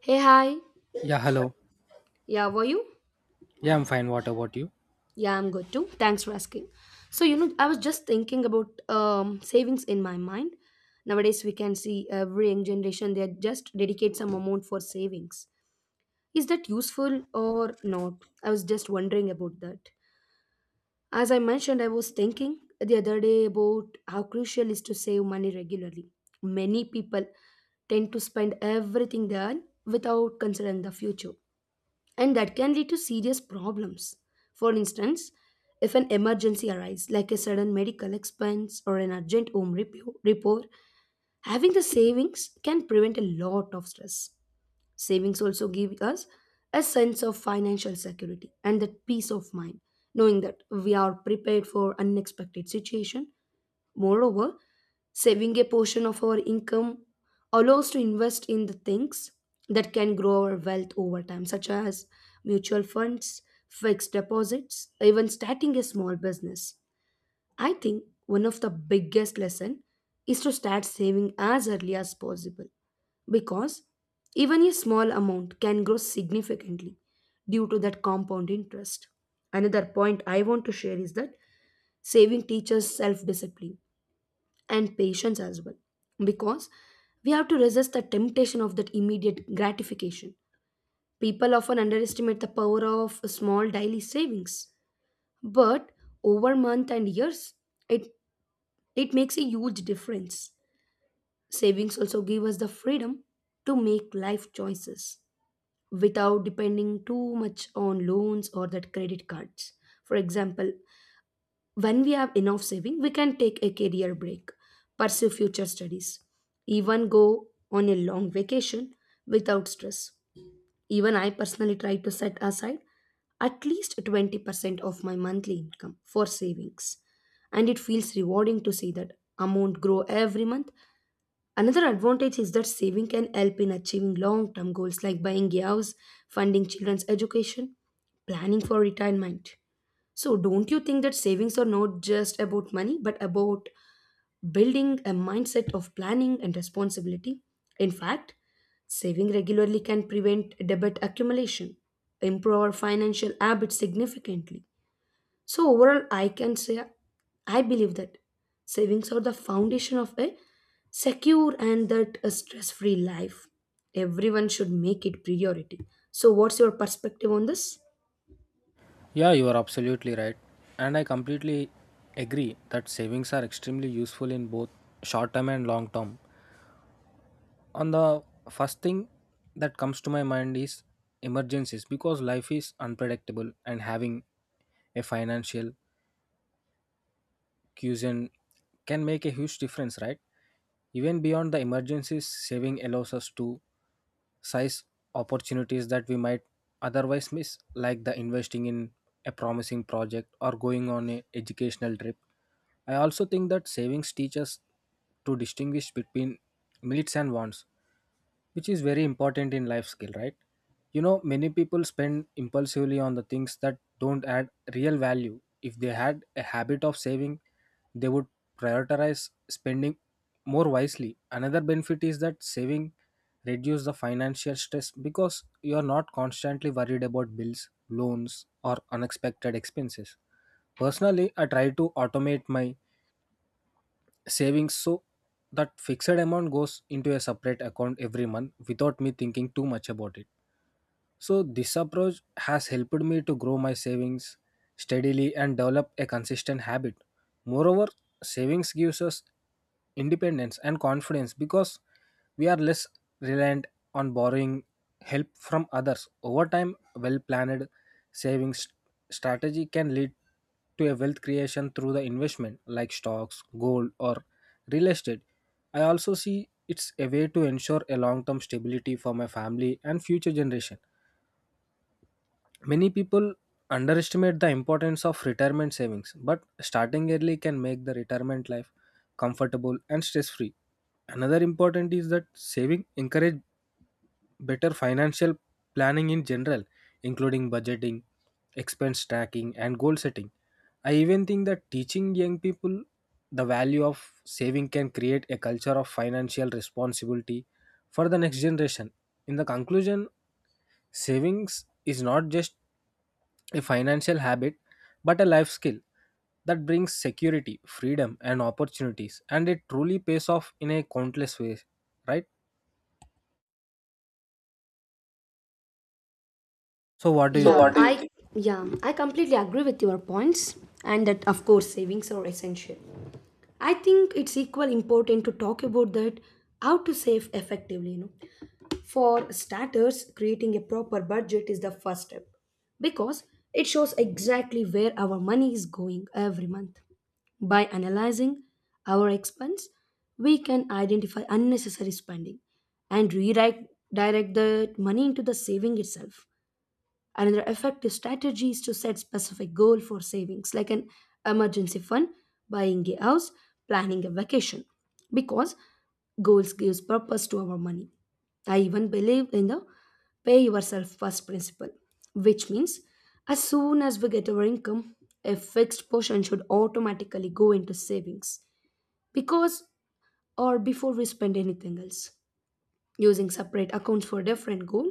Hey, hi. Yeah, hello. Yeah, were you? Yeah, I'm fine. What about you? Yeah, I'm good too. Thanks for asking. So, I was just thinking about savings in my mind. Nowadays, we can see every young generation, they just dedicate some amount for savings. Is that useful or not? I was just wondering about that. As I mentioned, I was thinking the other day about how crucial is to save money regularly. Many people tend to spend everything they earn without considering the future, and that can lead to serious problems. For instance, if an emergency arises, like a sudden medical expense or an urgent home repair, having the savings can prevent a lot of stress. Savings also give us a sense of financial security and that peace of mind, knowing that we are prepared for unexpected situation. Moreover, saving a portion of our income allows to invest in the things that can grow our wealth over time, such as mutual funds, fixed deposits, even starting a small business. I think one of the biggest lesson is to start saving as early as possible, because even a small amount can grow significantly due to that compound interest. Another point I want to share is that saving teaches self discipline and patience as well, because we have to resist the temptation of that immediate gratification. People often underestimate the power of small daily savings, but over month and years it it makes a huge difference. Savings also give us the freedom to make life choices without depending too much on loans or that credit cards. For example, when we have enough saving, we can take a career break, pursue future studies, even go on a long vacation without stress. Even I personally try to set aside at least 20% of my monthly income for savings. And it feels rewarding to see that amount grow every month. Another advantage is that saving can help in achieving long term goals like buying a house, funding children's education, planning for retirement. So, don't you think that savings are not just about money, but about building a mindset of planning and responsibility? In fact, saving regularly can prevent debt accumulation, improve our financial habits significantly. So, overall, I can say I believe that savings are the foundation of a secure and that a stress-free life. Everyone should make it priority. So, what's your perspective on this? Yeah, you are absolutely right. And I completely agree that savings are extremely useful in both short term and long term. On the first thing that comes to my mind is emergencies, because life is unpredictable and having a financial cuisine can make a huge difference, right? Even beyond the emergencies, saving allows us to size opportunities that we might otherwise miss, like the investing in a promising project or going on a educational trip. I also think that savings teach us to distinguish between needs and wants, which is very important in life skill, right? Many people spend impulsively on the things that don't add real value. If they had a habit of saving, they would prioritize spending more wisely. Another benefit is that saving reduce the financial stress because you are not constantly worried about bills, loans, or unexpected expenses. Personally, I try to automate my savings so that fixed amount goes into a separate account every month without me thinking too much about it. So, this approach has helped me to grow my savings steadily and develop a consistent habit. Moreover, savings gives us independence and confidence because we are less reliant on borrowing help from others. Over time, well planned savings strategy can lead to a wealth creation through the investment like stocks, gold, or real estate. I also see it's a way to ensure a long term stability for my family and future generation. Many people underestimate the importance of retirement savings, but starting early can make the retirement life comfortable and stress free. Another important is that saving encourage better financial planning in general, including budgeting, expense tracking, and goal setting. I even think that teaching young people the value of saving can create a culture of financial responsibility for the next generation. In the conclusion, savings is not just a financial habit, but a life skill that brings security, freedom, and opportunities. And it truly pays off in a countless ways, right? So, what do So, you yeah, what think? do you I think? Yeah, I completely agree with your points, and that of course savings are essential. I think it's equal important to talk about that how to save effectively, you know. For starters, creating a proper budget is the first step, because it shows exactly where our money is going every month. By analyzing our expense, we can identify unnecessary spending and redirect direct the money into the saving itself. Another effective strategy is to set specific goal for savings, like an emergency fund, buying a house, planning a vacation, because goals gives purpose to our money. I even believe in the pay yourself first principle, which means as soon as we get our income, a fixed portion should automatically go into savings, because or before we spend anything else. Using separate accounts for different goal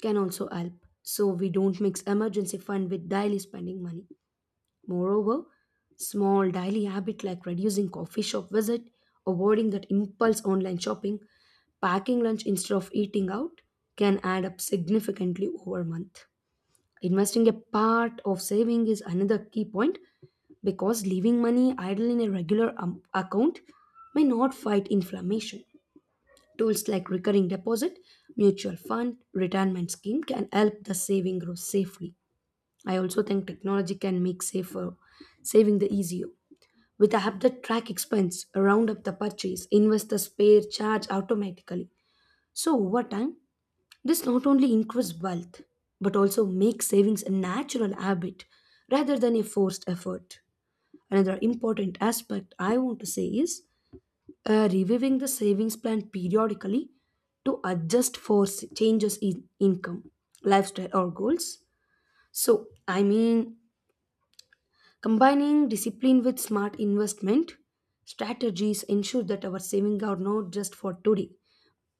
can also help, so we don't mix emergency fund with daily spending money. Moreover, small daily habit like reducing coffee shop visit, avoiding that impulse online shopping, packing lunch instead of eating out can add up significantly over a month. Investing a part of saving is another key point, because leaving money idle in a regular account may not fight inflammation. Tools like recurring deposit, mutual fund, retirement scheme can help the saving grow safely. I also think technology can make safer saving the easier. With a app that track expense, round up the purchase, invest the spare charge automatically. So over time, this not only increases wealth, but also makes savings a natural habit rather than a forced effort. Another important aspect I want to say is reviewing the savings plan periodically to adjust for changes in income, lifestyle, or goals. So, I mean, combining discipline with smart investment strategies ensure that our savings are not just for today,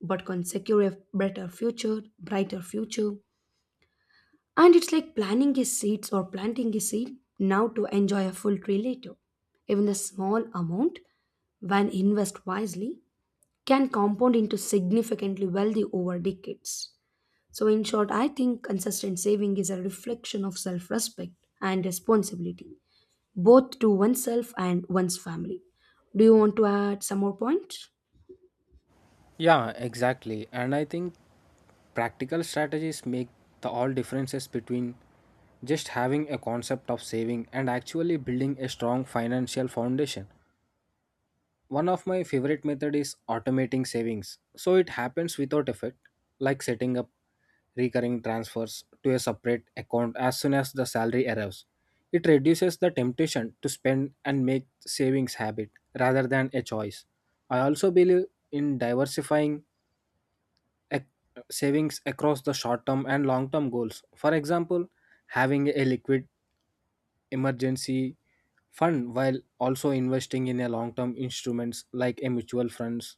but can secure a better future, brighter future. And it's like planning a seeds or planting a seed now to enjoy a full tree later. Even the small amount, when invest wisely, can compound into significantly wealthy over decades. So, in short, I think consistent saving is a reflection of self respect and responsibility, both to oneself and one's family. Do you want to add some more points? Yeah, exactly. And I think practical strategies make the all differences between just having a concept of saving and actually building a strong financial foundation. One of my favorite method is automating savings, so it happens without effort, like setting up recurring transfers to a separate account as soon as the salary arrives. It reduces the temptation to spend and make savings habit rather than a choice. I also believe in diversifying ac- savings across the short term and long term goals. For example, having a liquid emergency fund while also investing in a long term instruments like a mutual funds,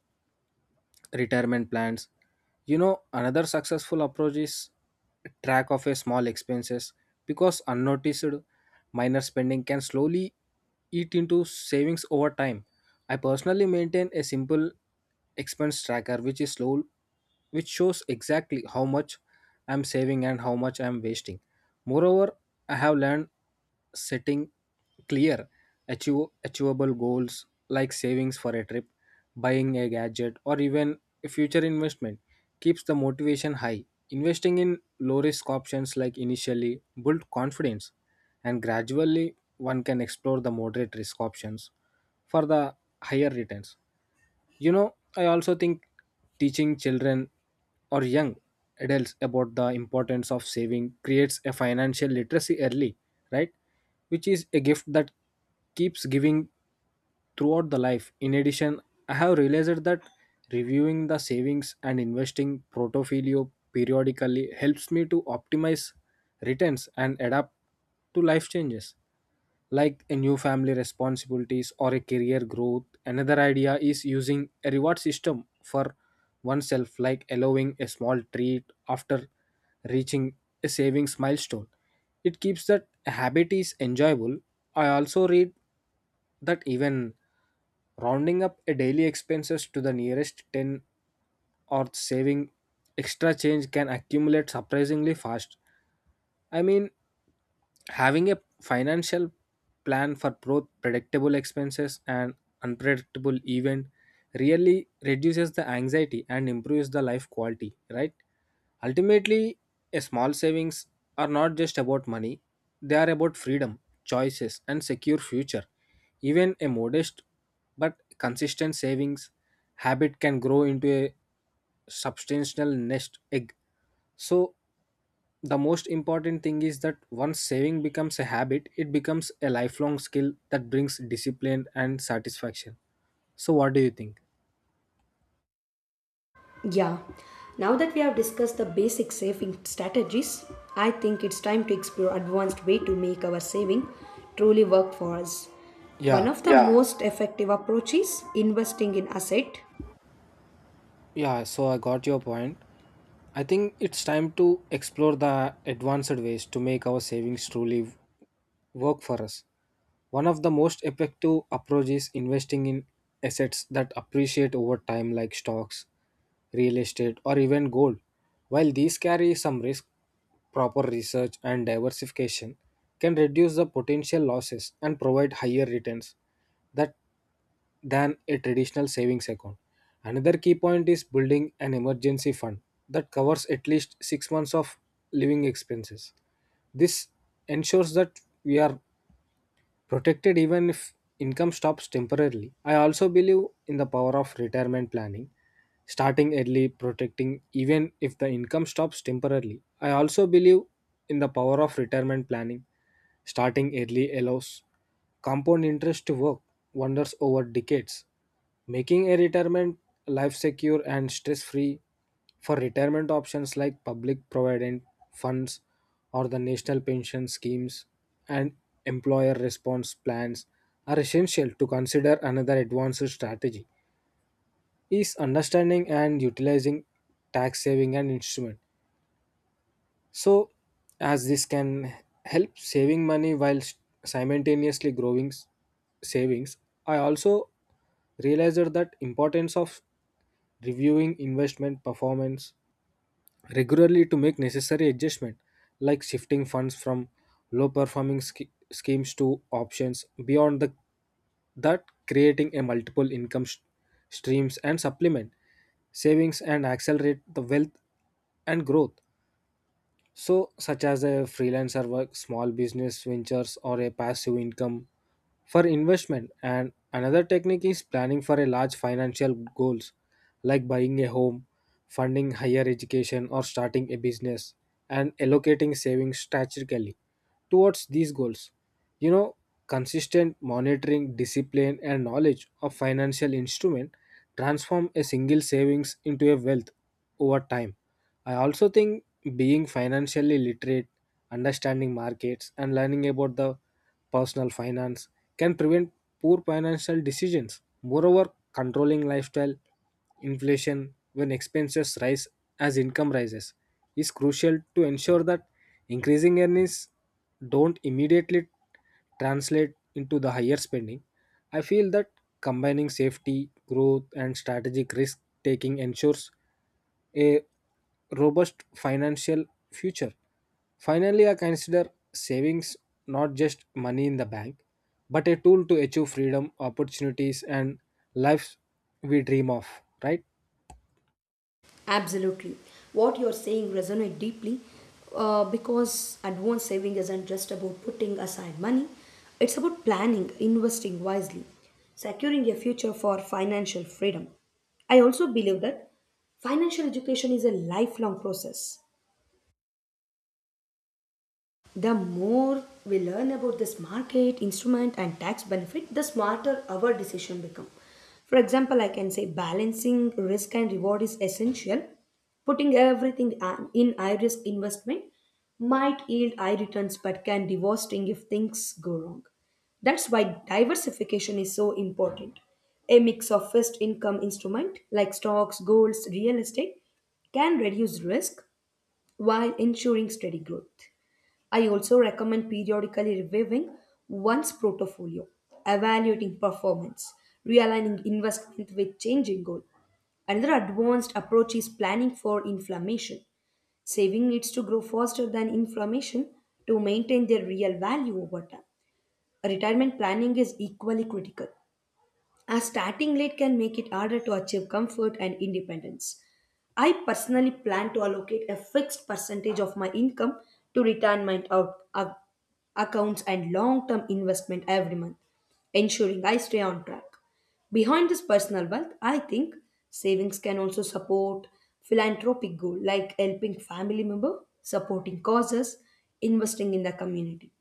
retirement plans. Another successful approach is track of a small expenses, because unnoticed minor spending can slowly eat into savings over time. I personally maintain a simple expense tracker which is slow, which shows exactly how much I'm saving and how much I'm wasting. Moreover, I have learned setting clear, achievable goals like savings for a trip, buying a gadget, or even a future investment keeps the motivation high. Investing in low risk options like initially build confidence, and gradually one can explore the moderate risk options for the higher returns. I also think teaching children or young adults about the importance of saving creates a financial literacy early, right? Which is a gift that keeps giving throughout the life. In addition, I have realized that reviewing the savings and investing portfolio periodically helps me to optimize returns and adapt to life changes like a new family responsibilities or a career growth. Another idea is using a reward system for oneself, like allowing a small treat after reaching a savings milestone. It keeps that habit is enjoyable. I also read that even rounding up a daily expenses to the nearest 10 or saving extra change can accumulate surprisingly fast. I mean, having a financial plan for both predictable expenses and unpredictable event really reduces the anxiety and improves the life quality, right? Ultimately, a small savings are not just about money, they are about freedom, choices, and secure future. Even a modest but consistent savings habit can grow into a substantial nest egg. So the most important thing is that once saving becomes a habit, it becomes a lifelong skill that brings discipline and satisfaction. So, what do you think? Yeah. Now that we have discussed the basic saving strategies, I think it's time to explore advanced way to make our saving truly work for us. One Yeah, of the, yeah, most effective approaches is investing in asset. yeah, so I got your point. I think it's time to explore the advanced ways to make our savings truly work for us. One of the most effective approaches is investing in assets that appreciate over time, like stocks, real estate, or even gold. While these carry some risk, proper research and diversification can reduce the potential losses and provide higher returns. That than a traditional savings account. Another key point is building an emergency fund that covers at least 6 months of living expenses. This ensures that we are protected even if income stops temporarily. I also believe in the power of retirement planning, starting early, protecting even if the income stops temporarily. I also believe in the power of retirement planning, starting early allows compound interest to work wonders over decades, making a retirement life secure and stress free. For retirement options like public provident funds or the national pension schemes and employer response plans are essential to consider. Another advanced strategy is understanding and utilizing tax saving and instrument, so as this can help saving money while simultaneously growing savings. I also realized that importance of reviewing investment performance regularly to make necessary adjustment, like shifting funds from low performing schemes to options beyond the that, creating a multiple income streams and supplement savings and accelerate the wealth and growth, so, such as a freelancer work, small business ventures, or a passive income for investment. And another technique is planning for a large financial goals like buying a home, funding higher education, or starting a business, and allocating savings strategically towards these goals. You know, consistent monitoring, discipline, and knowledge of financial instrument transform a single savings into a wealth over time. I also think being financially literate, understanding markets, and learning about the personal finance can prevent poor financial decisions. Moreover, controlling lifestyle inflation when expenses rise as income rises is crucial to ensure that increasing earnings don't immediately translate into the higher spending. I feel that combining safety, growth, and strategic risk taking ensures a robust financial future. Finally, I consider savings not just money in the bank, but a tool to achieve freedom, opportunities, and lives we dream of, right? Absolutely. What you're saying resonates deeply, because advanced saving isn't just about putting aside money, it's about planning, investing wisely, securing a future for financial freedom. I also believe that financial education is a lifelong process. The more we learn about this market, instrument, and tax benefit, the smarter our decision become. For example, I can say balancing risk and reward is essential. Putting everything in high risk investment might yield high returns but can be devastating if things go wrong. That's why diversification is so important. A mix of fixed income instrument like stocks, golds, real estate can reduce risk while ensuring steady growth. I also recommend periodically reviewing one's portfolio, evaluating performance, realigning investment with changing goal. Another advanced approach is planning for inflammation. Saving needs to grow faster than inflammation to maintain their real value over time. Retirement planning is equally critical, as starting late can make it harder to achieve comfort and independence. I personally plan to allocate a fixed percentage of my income to accounts and long term investment every month, ensuring I stay on track. Behind this personal wealth, I think savings can also support philanthropic goals like helping family member, supporting causes, investing in the community.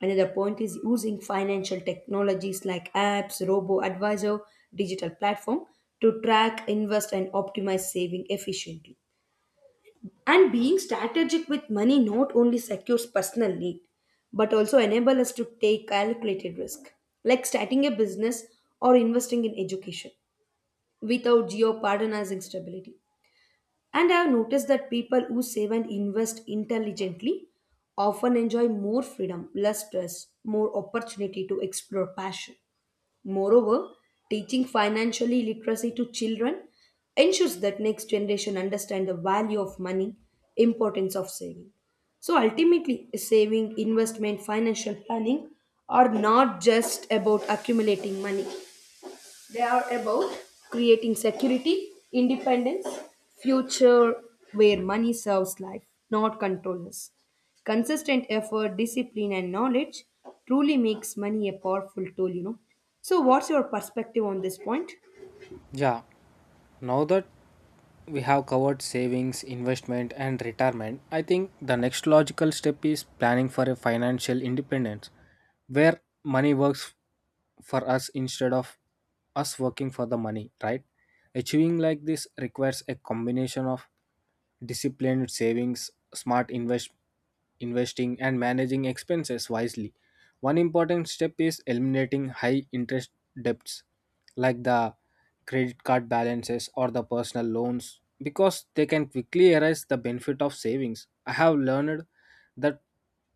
Another point is using financial technologies like apps, robo advisor, digital platform to track, invest, and optimize saving efficiently. And being strategic with money not only secures personal need, but also enable us to take calculated risk, like starting a business or investing in education without jeopardizing stability. And I've noticed that people who save and invest intelligently often enjoy more freedom, less stress, more opportunity to explore passion. Moreover, teaching financially literacy to children ensures that next generation understand the value of money, importance of saving. So ultimately, saving, investment, financial planning are not just about accumulating money. They are about creating security, independence, future where money serves life, not control us. Consistent effort, discipline, and knowledge truly makes money a powerful tool, you know. So, what's your perspective on this point? Yeah, now that we have covered savings, investment, and retirement, I think the next logical step is planning for a financial independence where money works for us instead of us working for the money, right? Achieving like this requires a combination of disciplined savings, smart investing, and managing expenses wisely. One important step is eliminating high interest debts like the credit card balances or the personal loans, because they can quickly erase the benefit of savings. I have learned that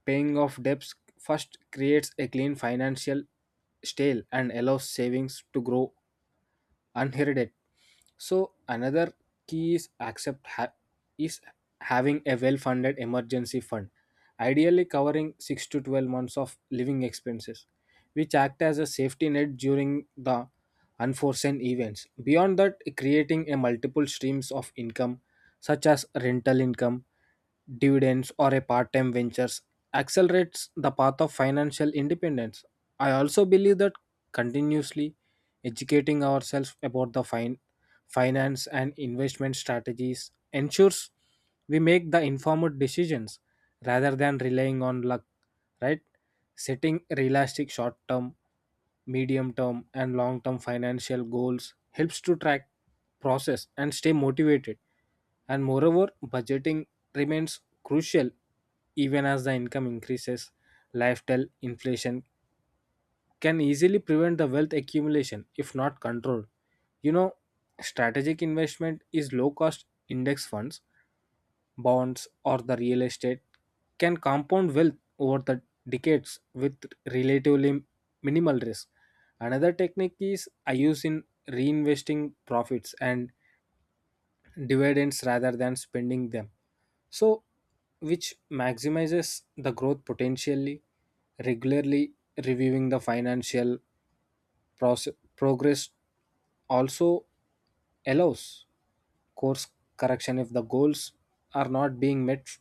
paying off debts first creates a clean financial stale and allows savings to grow unheralded. So another key is having a well-funded emergency fund, ideally covering 6 to 12 months of living expenses, which act as a safety net during the unforeseen events. Beyond that, creating a multiple streams of income such as rental income, dividends, or a part time ventures accelerates the path of financial independence. I also believe that continuously educating ourselves about the finance and investment strategies ensures we make the informed decisions rather than relying on luck, right? Setting realistic short term, medium term, and long term financial goals helps to track process and stay motivated. And moreover, budgeting remains crucial even as the income increases. Lifestyle inflation can easily prevent the wealth accumulation if not controlled. You know, strategic investment is low cost index funds, bonds, or the real estate can compound wealth over the decades with relatively minimal risk. Another technique is I use in reinvesting profits and dividends rather than spending them, so, which maximizes the growth potentially. Regularly reviewing the financial progress also allows course correction if the goals are not being met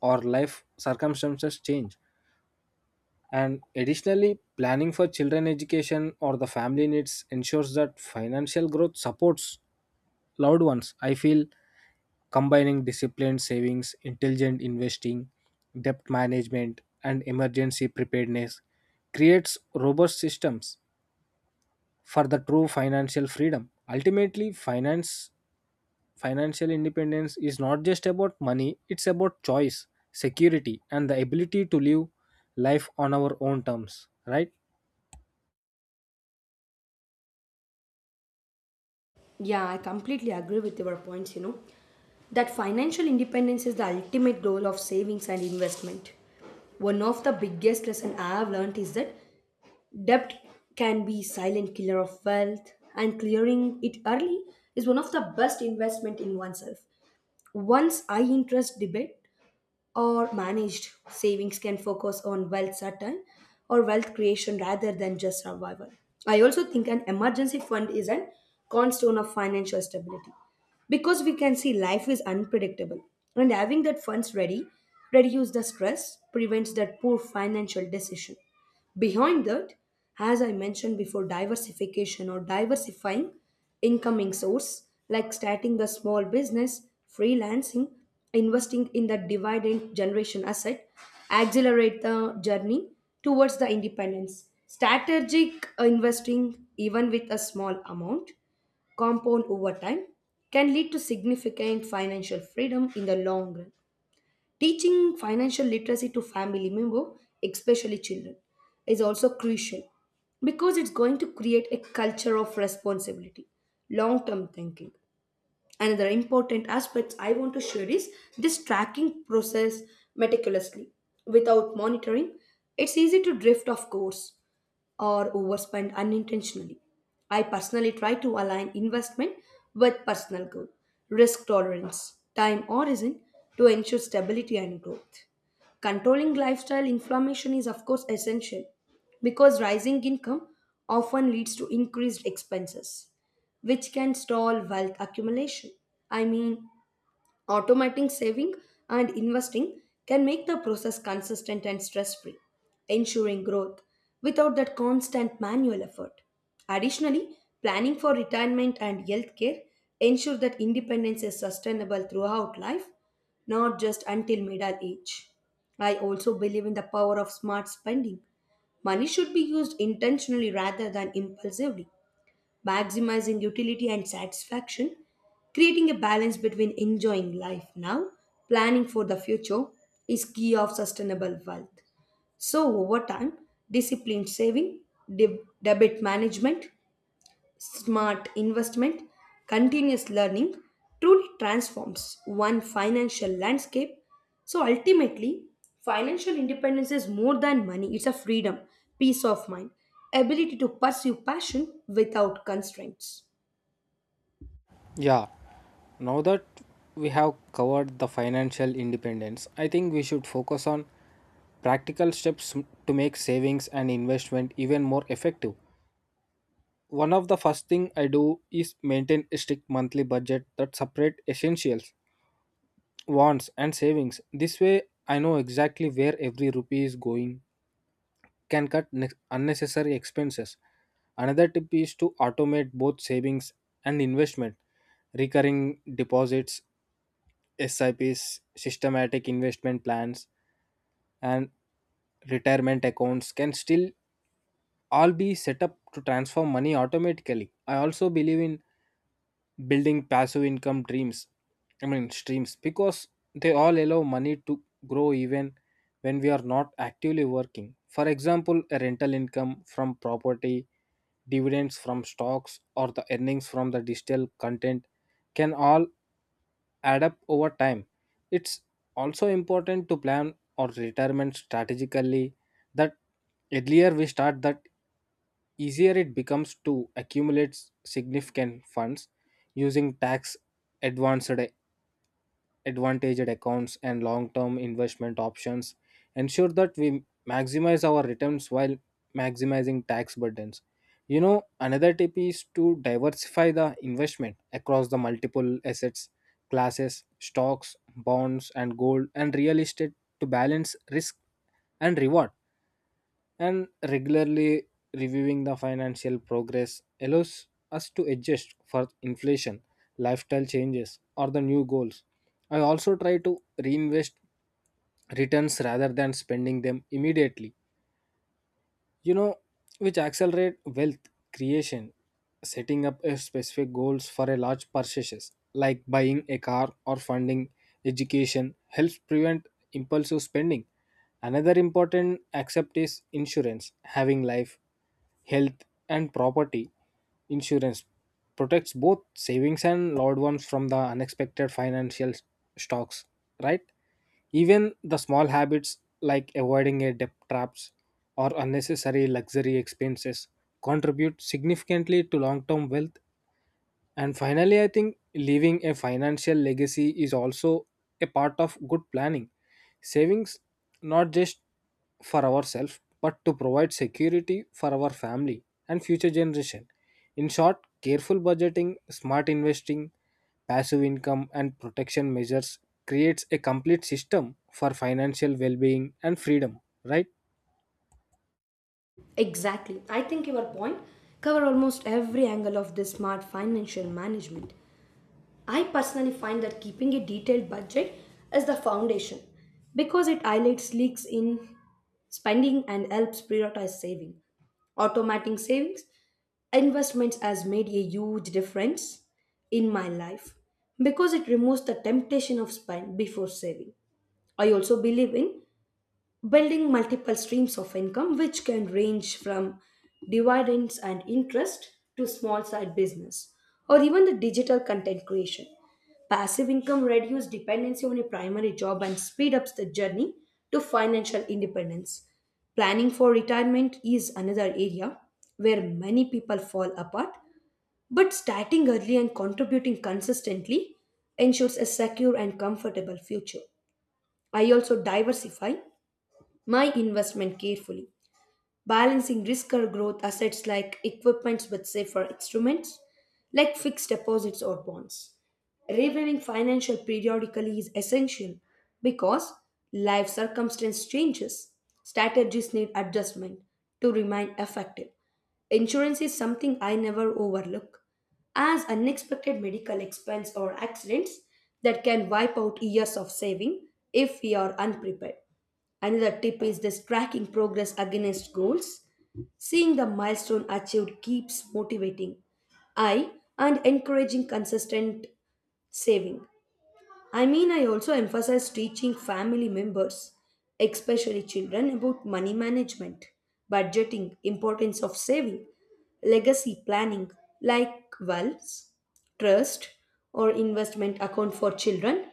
or life circumstances change. And additionally, planning for children education or the family needs ensures that financial growth supports loved ones. I feel combining disciplined savings, intelligent investing, debt management, and emergency preparedness creates robust systems for the true financial freedom. Ultimately, finance financial independence is not just about money, it's about choice, security, and the ability to live life on our own terms, right? Yeah, I completely agree with your points, you know, that financial independence is the ultimate goal of savings and investment. One of the biggest lesson I have learned is that debt can be silent killer of wealth, and clearing it early is one of the best investment in oneself. Once high interest debit or managed savings can focus on wealth certain or wealth creation rather than just survival. I also think an emergency fund is a cornerstone of financial stability, because we can see life is unpredictable and having that funds ready reduces the stress, prevents that poor financial decision. Behind that, as I mentioned before, diversification or diversifying incoming source, like starting a small business, freelancing, investing in the dividend generation asset, accelerate the journey towards the independence. Strategic investing, even with a small amount, compound over time, can lead to significant financial freedom in the long run. Teaching financial literacy to family members, especially children, is also crucial, because it's going to create a culture of responsibility, long term thinking. Another important aspect I want to share is this tracking process meticulously. Without monitoring, it's easy to drift off course or overspend unintentionally. I personally try to align investment with personal goal, risk tolerance, time horizon to ensure stability and growth. Controlling lifestyle inflammation is, of course, essential, because rising income often leads to increased expenses, which can stall wealth accumulation. I mean, automating saving and investing can make the process consistent and stress free, ensuring growth without that constant manual effort. Additionally, planning for retirement and healthcare ensure that independence is sustainable throughout life, not just until middle age. I also believe in the power of smart spending. Money should be used intentionally rather than impulsively, maximizing utility and satisfaction. Creating a balance between enjoying life now, planning for the future is key of sustainable wealth. So over time, disciplined saving, debt management, smart investment, continuous learning truly transforms one financial landscape. So ultimately, financial independence is more than money, it's a freedom, peace of mind, ability to pursue passion without constraints. Yeah, now that we have covered the financial independence, I think we should focus on practical steps to make savings and investment even more effective. One of the first thing I do is maintain a strict monthly budget that separate essentials, wants and savings. This way I know exactly where every rupee is going, can cut unnecessary expenses. Another tip is to automate both savings and investment recurring deposits, SIPs, systematic investment plans, and retirement accounts can still all be set up to transfer money automatically. I also believe in building passive income streams, because they all allow money to grow even when we are not actively working. For example, a rental income from property, dividends from stocks, or the earnings from the digital content can all add up over time. It's also important to plan our retirement strategically. That earlier we start, that easier it becomes to accumulate significant funds using tax advanced advantaged accounts and long-term investment options ensure that we maximize our returns while maximizing tax burdens. Another tip is to diversify the investment across the multiple assets classes, stocks, bonds and gold and real estate, to balance risk and reward. And regularly reviewing the financial progress allows us to adjust for inflation, lifestyle changes, or the new goals. I also try to reinvest returns rather than spending them immediately, you know which accelerate wealth creation. Setting up a specific goals for a large purchases like buying a car or funding education helps prevent impulsive spending. Another important accept is insurance, having life, health and property insurance protects both savings and loved ones from the unexpected financial shocks, right? Even the small habits like avoiding a debt traps or unnecessary luxury expenses contribute significantly to long term wealth. And finally, I think leaving a financial legacy is also a part of good planning. Savings, not just for ourselves, but to provide security for our family and future generation. In short, careful budgeting, smart investing, passive income, and protection measures creates a complete system for financial well being and freedom, right? Exactly. I think your point cover almost every angle of this smart financial management. I personally find that keeping a detailed budget is the foundation, because it highlights leaks in spending and helps prioritize saving. Automating savings investments has made a huge difference in my life, because it removes the temptation of spend before saving. I also believe in building multiple streams of income, which can range from dividends and interest to small side business or even the digital content creation. Passive income reduces dependency on a primary job and speed up the journey to financial independence. Planning for retirement is another area where many people fall apart, but starting early and contributing consistently ensures a secure and comfortable future. I also diversify my investment carefully, balancing risk or growth assets like equipments with safer instruments like fixed deposits or bonds. Reviewing financial periodically is essential, because life circumstance changes. Strategies need adjustment to remain effective. Insurance is something I never overlook, as unexpected medical expense or accidents that can wipe out years of saving if we are unprepared. Another tip is this tracking progress against goals. Seeing the milestone achieved keeps motivating I and encouraging consistent saving. I mean, I also emphasize teaching family members, especially children, about money management, budgeting, importance of saving, legacy planning, like wealth, trust, or investment account for children,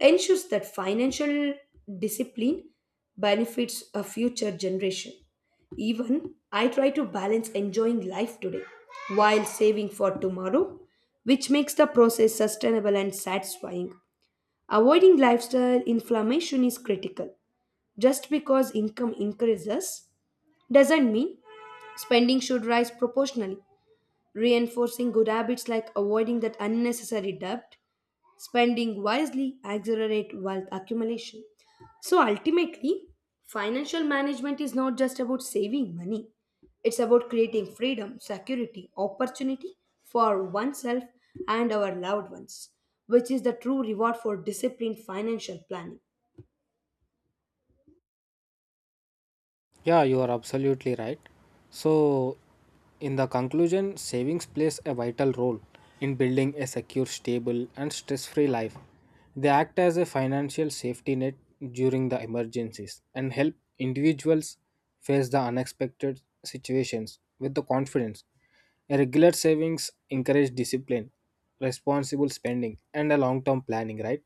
ensures that financial discipline benefits a future generation. Even I try to balance enjoying life today while saving for tomorrow, which makes the process sustainable and satisfying. Avoiding lifestyle inflammation is critical. Just because income increases doesn't mean spending should rise proportionally. Reinforcing good habits like avoiding that unnecessary debt, spending wisely accelerate wealth accumulation. So ultimately, financial management is not just about saving money. It's about creating freedom, security, opportunity for oneself and our loved ones, which is the true reward for disciplined financial planning. Yeah, you are absolutely right. So, in the conclusion, savings plays a vital role in building a secure, stable, and stress free life. They act as a financial safety net during the emergencies and help individuals face the unexpected situations with the confidence. A regular savings encourage discipline, responsible spending, and a long term planning, right?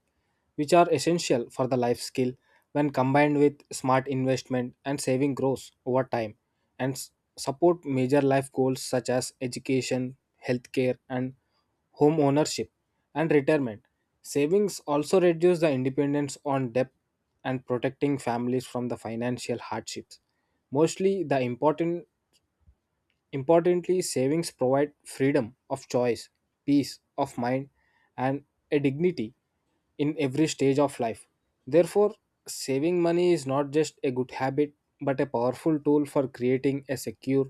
Which are essential for the life skill when combined with smart investment and saving grows over time and support major life goals such as education, healthcare, and home ownership and retirement. Savings also reduce the dependence on debt and protecting families from the financial hardships. Mostly the importantly savings provide freedom of choice, peace of mind and a dignity in every stage of life. Therefore, saving money is not just a good habit but a powerful tool for creating a secure,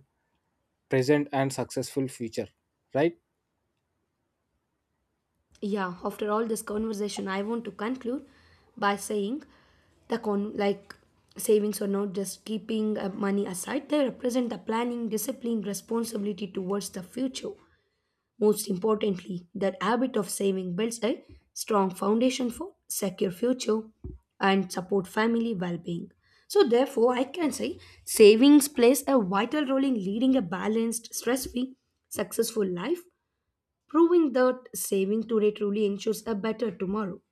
present, and successful future. Right? Yeah, after all this conversation, I want to conclude by saying the con, like, savings are not just keeping money aside. They represent the planning, discipline, responsibility towards the future. Most importantly, that habit of saving builds a strong foundation for secure future and support family well-being. So therefore, I can say savings plays a vital role in leading a balanced, stress-free, successful life, proving that saving today truly ensures a better tomorrow.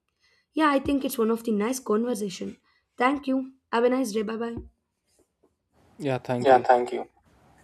Yeah, I think it's one of the nice conversation. Thank you. Have a nice day. Bye bye. Yeah, thank Yeah, you. thank you.